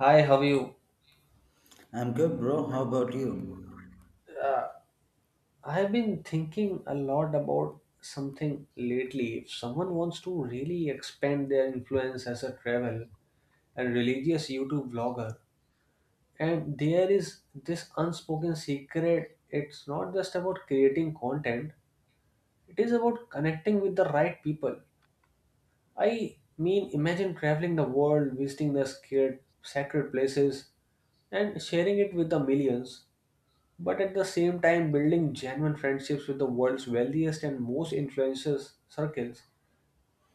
Hi, how are you? I'm good, bro. How about you? Uh, I've been thinking a lot about something lately. If someone wants to really expand their influence as a travel and religious YouTube vlogger, and there is this unspoken secret, it's not just about creating content, it is about connecting with the right people. I mean, imagine traveling the world, visiting the scared, sacred places, and sharing it with the millions. But at the same time, building genuine friendships with the world's wealthiest and most influential circles,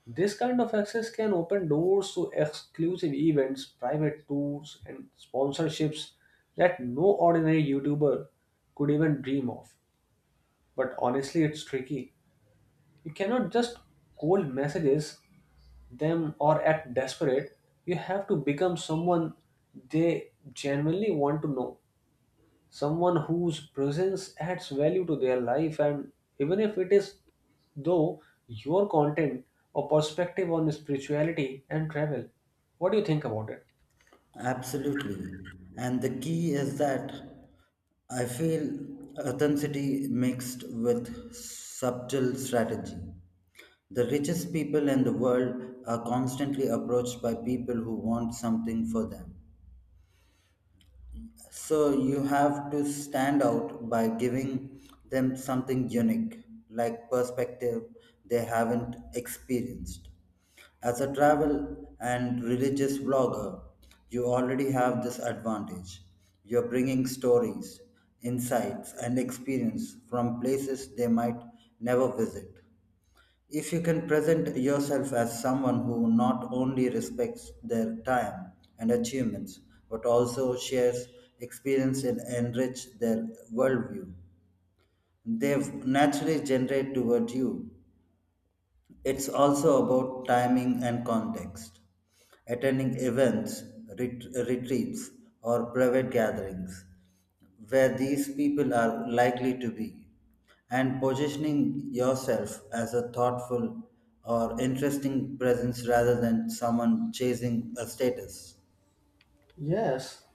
this kind of access can open doors to exclusive events, private tours, and sponsorships that no ordinary YouTuber could even dream of. But honestly, it's tricky. You cannot just cold messages them or act desperate. You have to become someone they genuinely want to know. Someone whose presence adds value to their life and even if it is though your content or perspective on spirituality and travel, what do you think about it? Absolutely. And the key is that I feel authenticity mixed with subtle strategy. The richest people in the world are constantly approached by people who want something for them. So you have to stand out by giving them something unique, like perspective they haven't experienced. As a travel and religious blogger, you already have this advantage. You're bringing stories, insights, and experience from places they might never visit. If you can present yourself as someone who not only respects their time and achievements, but also shares experience and enrich their worldview, they naturally generate toward you. It's also about timing and context. Attending events, retreats, or private gatherings where these people are likely to be, and positioning yourself as a thoughtful or interesting presence rather than someone chasing a status. Yes,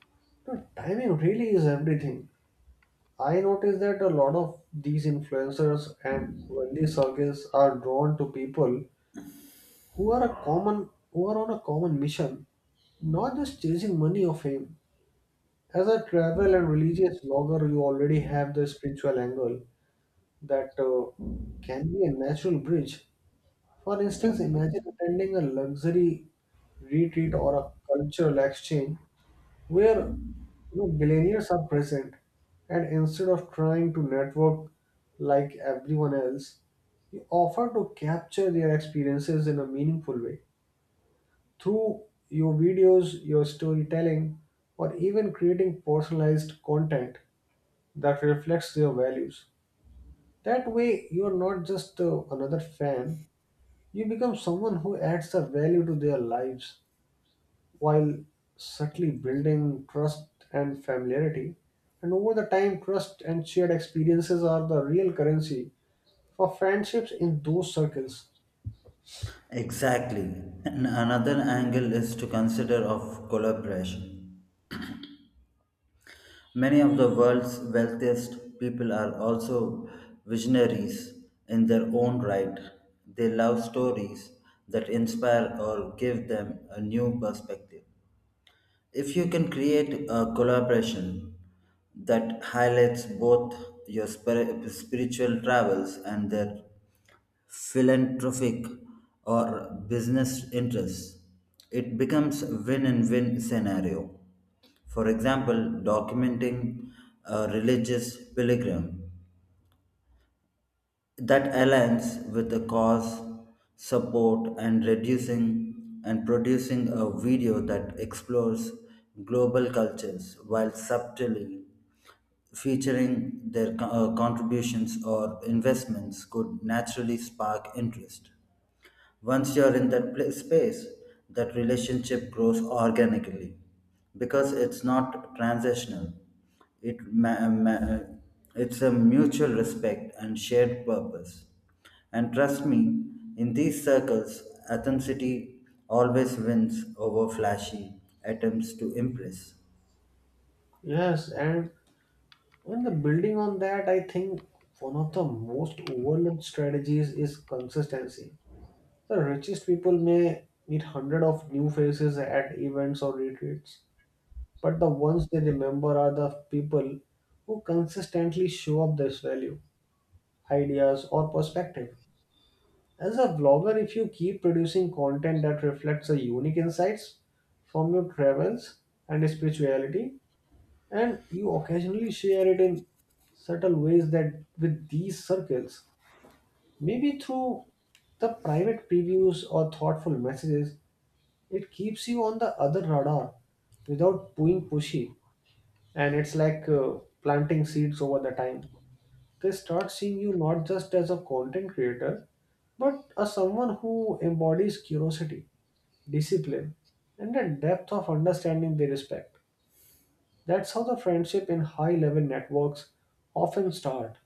the timing really is everything. I notice that a lot of these influencers and wealthy circles are drawn to people who are on a common mission, not just chasing money or fame. As a travel and religious blogger, you already have the spiritual angle, that can be a natural bridge. For instance, imagine attending a luxury retreat or a cultural exchange where, you know, billionaires are present, and instead of trying to network like everyone else, you offer to capture their experiences in a meaningful way through your videos, your storytelling, or even creating personalized content that reflects their values. That way, you are not just another fan, you become someone who adds a value to their lives while subtly building trust and familiarity. And over the time, trust and shared experiences are the real currency for friendships in those circles. Exactly. And another angle is to consider of collaboration. Many of the world's wealthiest people are also visionaries in their own right. They love stories that inspire or give them a new perspective. If you can create a collaboration that highlights both your spiritual travels and their philanthropic or business interests, it becomes win-and-win scenario. For example, documenting a religious pilgrim that aligns with the cause, support, and reducing and producing a video that explores global cultures while subtly featuring their contributions or investments could naturally spark interest. Once you're in that pla space, that relationship grows organically because it's not transitional. It ma- ma- it's a mutual respect and shared purpose. And trust me, in these circles, authenticity always wins over flashy attempts to impress. Yes, and in the building on that, I think one of the most overlooked strategies is consistency. The richest people may meet hundred of new faces at events or retreats, but the ones they remember are the people who consistently show up this value, ideas, or perspective. As a vlogger, if you keep producing content that reflects the unique insights from your travels and spirituality, and you occasionally share it in subtle ways that with these circles, maybe through the private previews or thoughtful messages, it keeps you on the other radar without being pushy. And it's like planting seeds over the time. They start seeing you not just as a content creator but as someone who embodies curiosity, discipline, and a depth of understanding they respect. That's how the friendship in high level networks often start,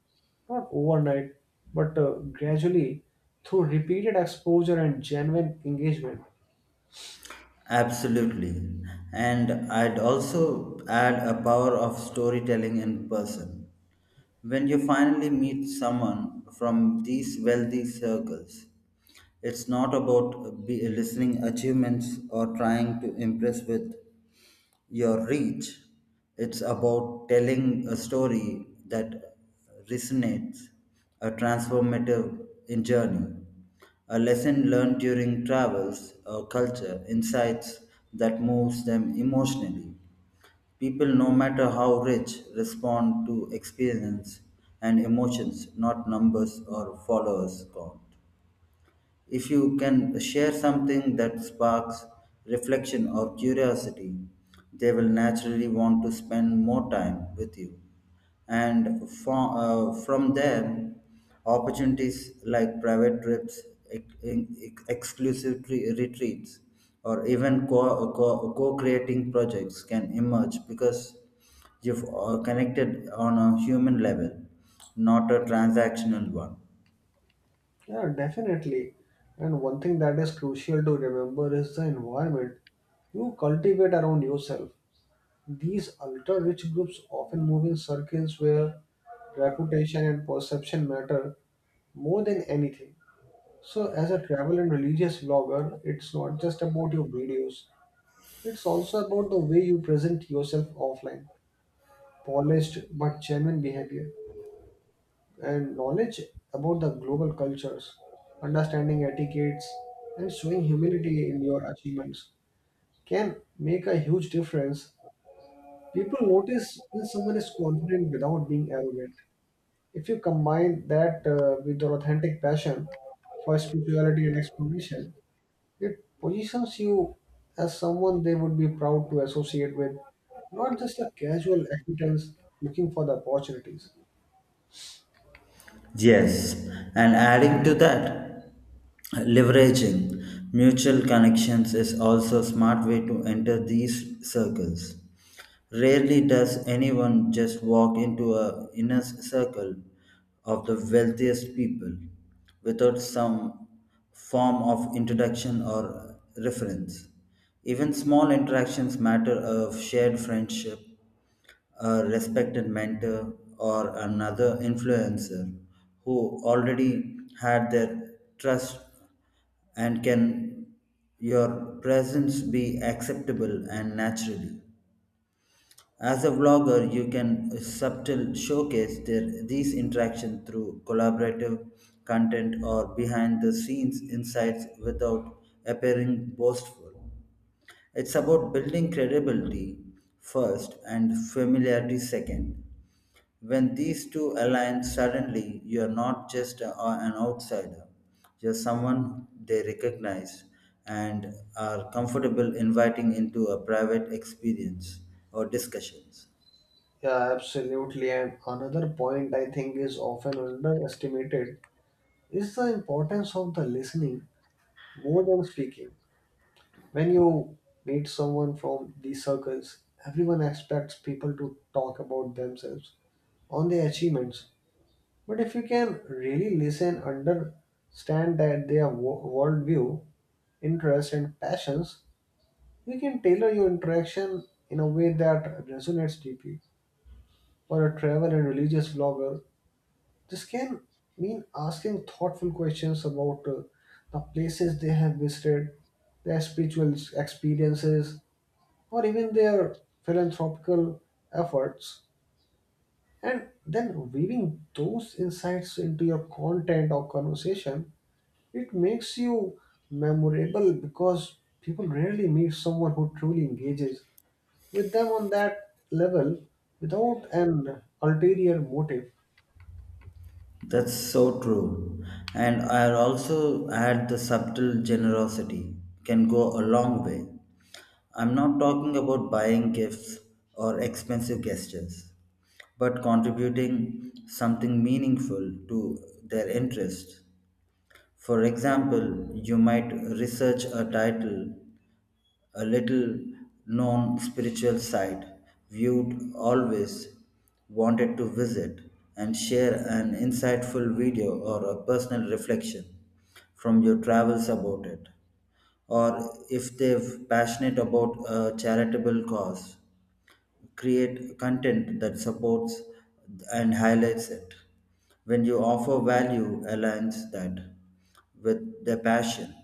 not overnight but gradually, through repeated exposure and genuine engagement. Absolutely. And I'd also add a power of storytelling in person. When you finally meet someone from these wealthy circles, it's not about be listening achievements or trying to impress with your reach. It's about telling a story that resonates, a transformative in journey, a lesson learned during travels, or culture, insights that moves them emotionally. People, no matter how rich, respond to experience and emotions, not numbers or followers count. If you can share something that sparks reflection or curiosity, they will naturally want to spend more time with you. And from there, opportunities like private trips, exclusive retreats, or even co-creating projects can emerge because you've connected on a human level, not a transactional one. Yeah, definitely. And one thing that is crucial to remember is the environment you cultivate around yourself. These ultra rich groups often move in circles where reputation and perception matter more than anything. So, as a travel and religious vlogger, it's not just about your videos, it's also about the way you present yourself offline, polished but genuine behavior. And knowledge about the global cultures, understanding etiquettes, and showing humility in your achievements can make a huge difference. People notice when someone is confident without being arrogant. If you combine that with your authentic passion for spirituality and exploration, it positions you as someone they would be proud to associate with, not just a casual acquaintance looking for the opportunities. Yes, and adding to that, leveraging mutual connections is also a smart way to enter these circles. Rarely does anyone just walk into a inner circle of the wealthiest people without some form of introduction or reference. Even small interactions matter of shared friendship, a respected mentor or another influencer who already had their trust and can your presence be acceptable and naturally. As a vlogger you can subtle showcase their, these interactions through collaborative content or behind the scenes insights without appearing boastful. It's about building credibility first and familiarity second. When these two align suddenly, you're not just an outsider, you're someone they recognize and are comfortable inviting into a private experience or discussions. Yeah, absolutely. And another point I think is often underestimated is the importance of the listening more than speaking. When you meet someone from these circles, everyone expects people to talk about themselves, on their achievements. But if you can really listen, understand that their worldview, interests, and passions, you can tailor your interaction in a way that resonates deeply. For a travel and religious vlogger, this can mean asking thoughtful questions about the places they have visited, their spiritual experiences, or even their philanthropical efforts, and then weaving those insights into your content or conversation. It makes you memorable because people rarely meet someone who truly engages with them on that level without an ulterior motive. That's so true. And I'll also add the subtle generosity can go a long way. I'm not talking about buying gifts or expensive gestures, but contributing something meaningful to their interests. For example, you might research a title, a little known spiritual site viewed always wanted to visit, and share an insightful video or a personal reflection from your travels about it. Or if they're passionate about a charitable cause, create content that supports and highlights it. When you offer value, aligns that with their passion.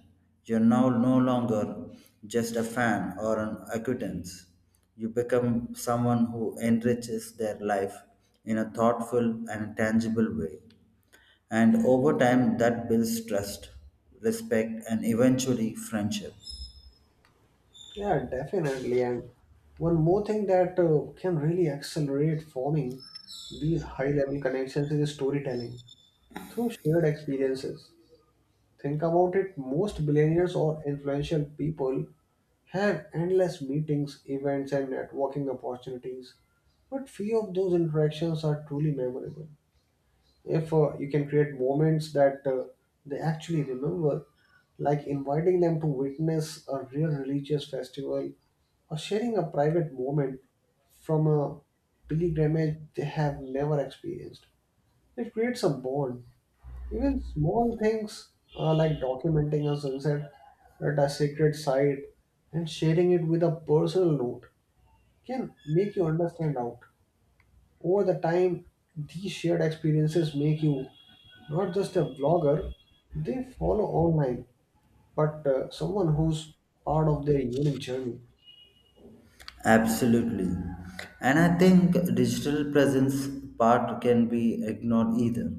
You're now no longer just a fan or an acquaintance. You become someone who enriches their life in a thoughtful and tangible way. And over time, that builds trust, respect, and eventually friendship. Yeah, definitely. And one more thing that can really accelerate forming these high level connections is storytelling through shared experiences. Think about it, most billionaires or influential people have endless meetings, events, and networking opportunities, but few of those interactions are truly memorable. If you can create moments that they actually remember, like inviting them to witness a real religious festival or sharing a private moment from a pilgrimage they have never experienced. It creates a bond. Even small things, like documenting a sunset at a sacred site and sharing it with a personal note, can make you understand out. Over the time, these shared experiences make you not just a vlogger, they follow online, but someone who's part of their unique journey. Absolutely. And I think digital presence part can be ignored either.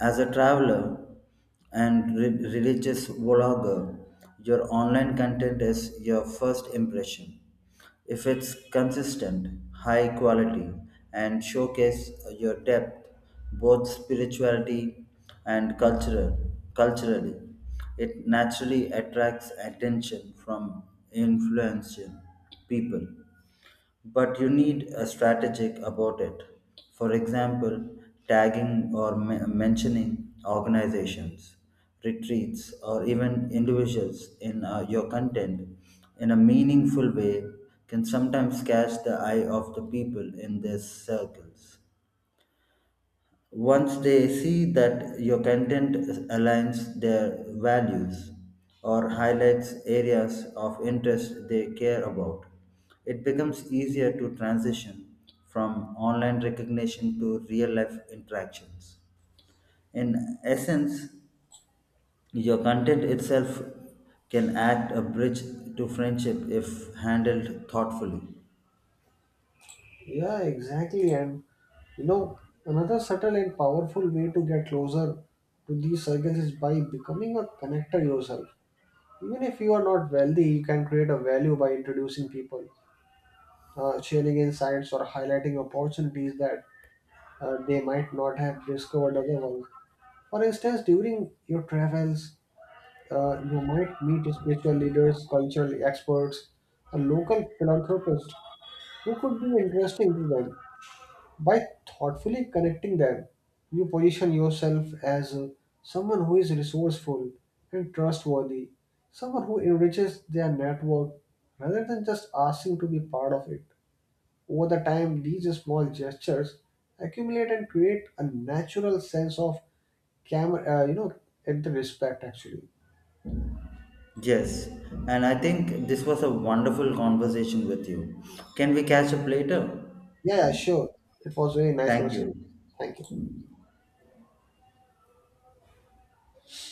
As a traveler and religious vlogger, your online content is your first impression. If it's consistent, high quality, and showcase your depth, both spirituality and culturally, it naturally attracts attention from influential people, but you need a strategic about it. For example, tagging or mentioning organizations, retreats, or even individuals in your content in a meaningful way can sometimes catch the eye of the people in their circles. Once they see that your content aligns their values or highlights areas of interest they care about, it becomes easier to transition from online recognition to real life interactions. In essence, your content itself can act a bridge to friendship if handled thoughtfully. Yeah, exactly. And another subtle and powerful way to get closer to these circles is by becoming a connector yourself. Even if you are not wealthy, you can create a value by introducing people, sharing insights, or highlighting opportunities that they might not have discovered otherwise. For instance, during your travels, you might meet spiritual leaders, cultural experts, or local philanthropists who could be interesting to them. By thoughtfully connecting them, you position yourself as someone who is resourceful and trustworthy, someone who enriches their network rather than just asking to be part of it. Over the time, these small gestures accumulate and create a natural sense of camera, and the respect actually. Yes, and I think this was a wonderful conversation with you. Can we catch up later? Yeah, yeah, sure. It was very nice Thank conversation. you. Thank you.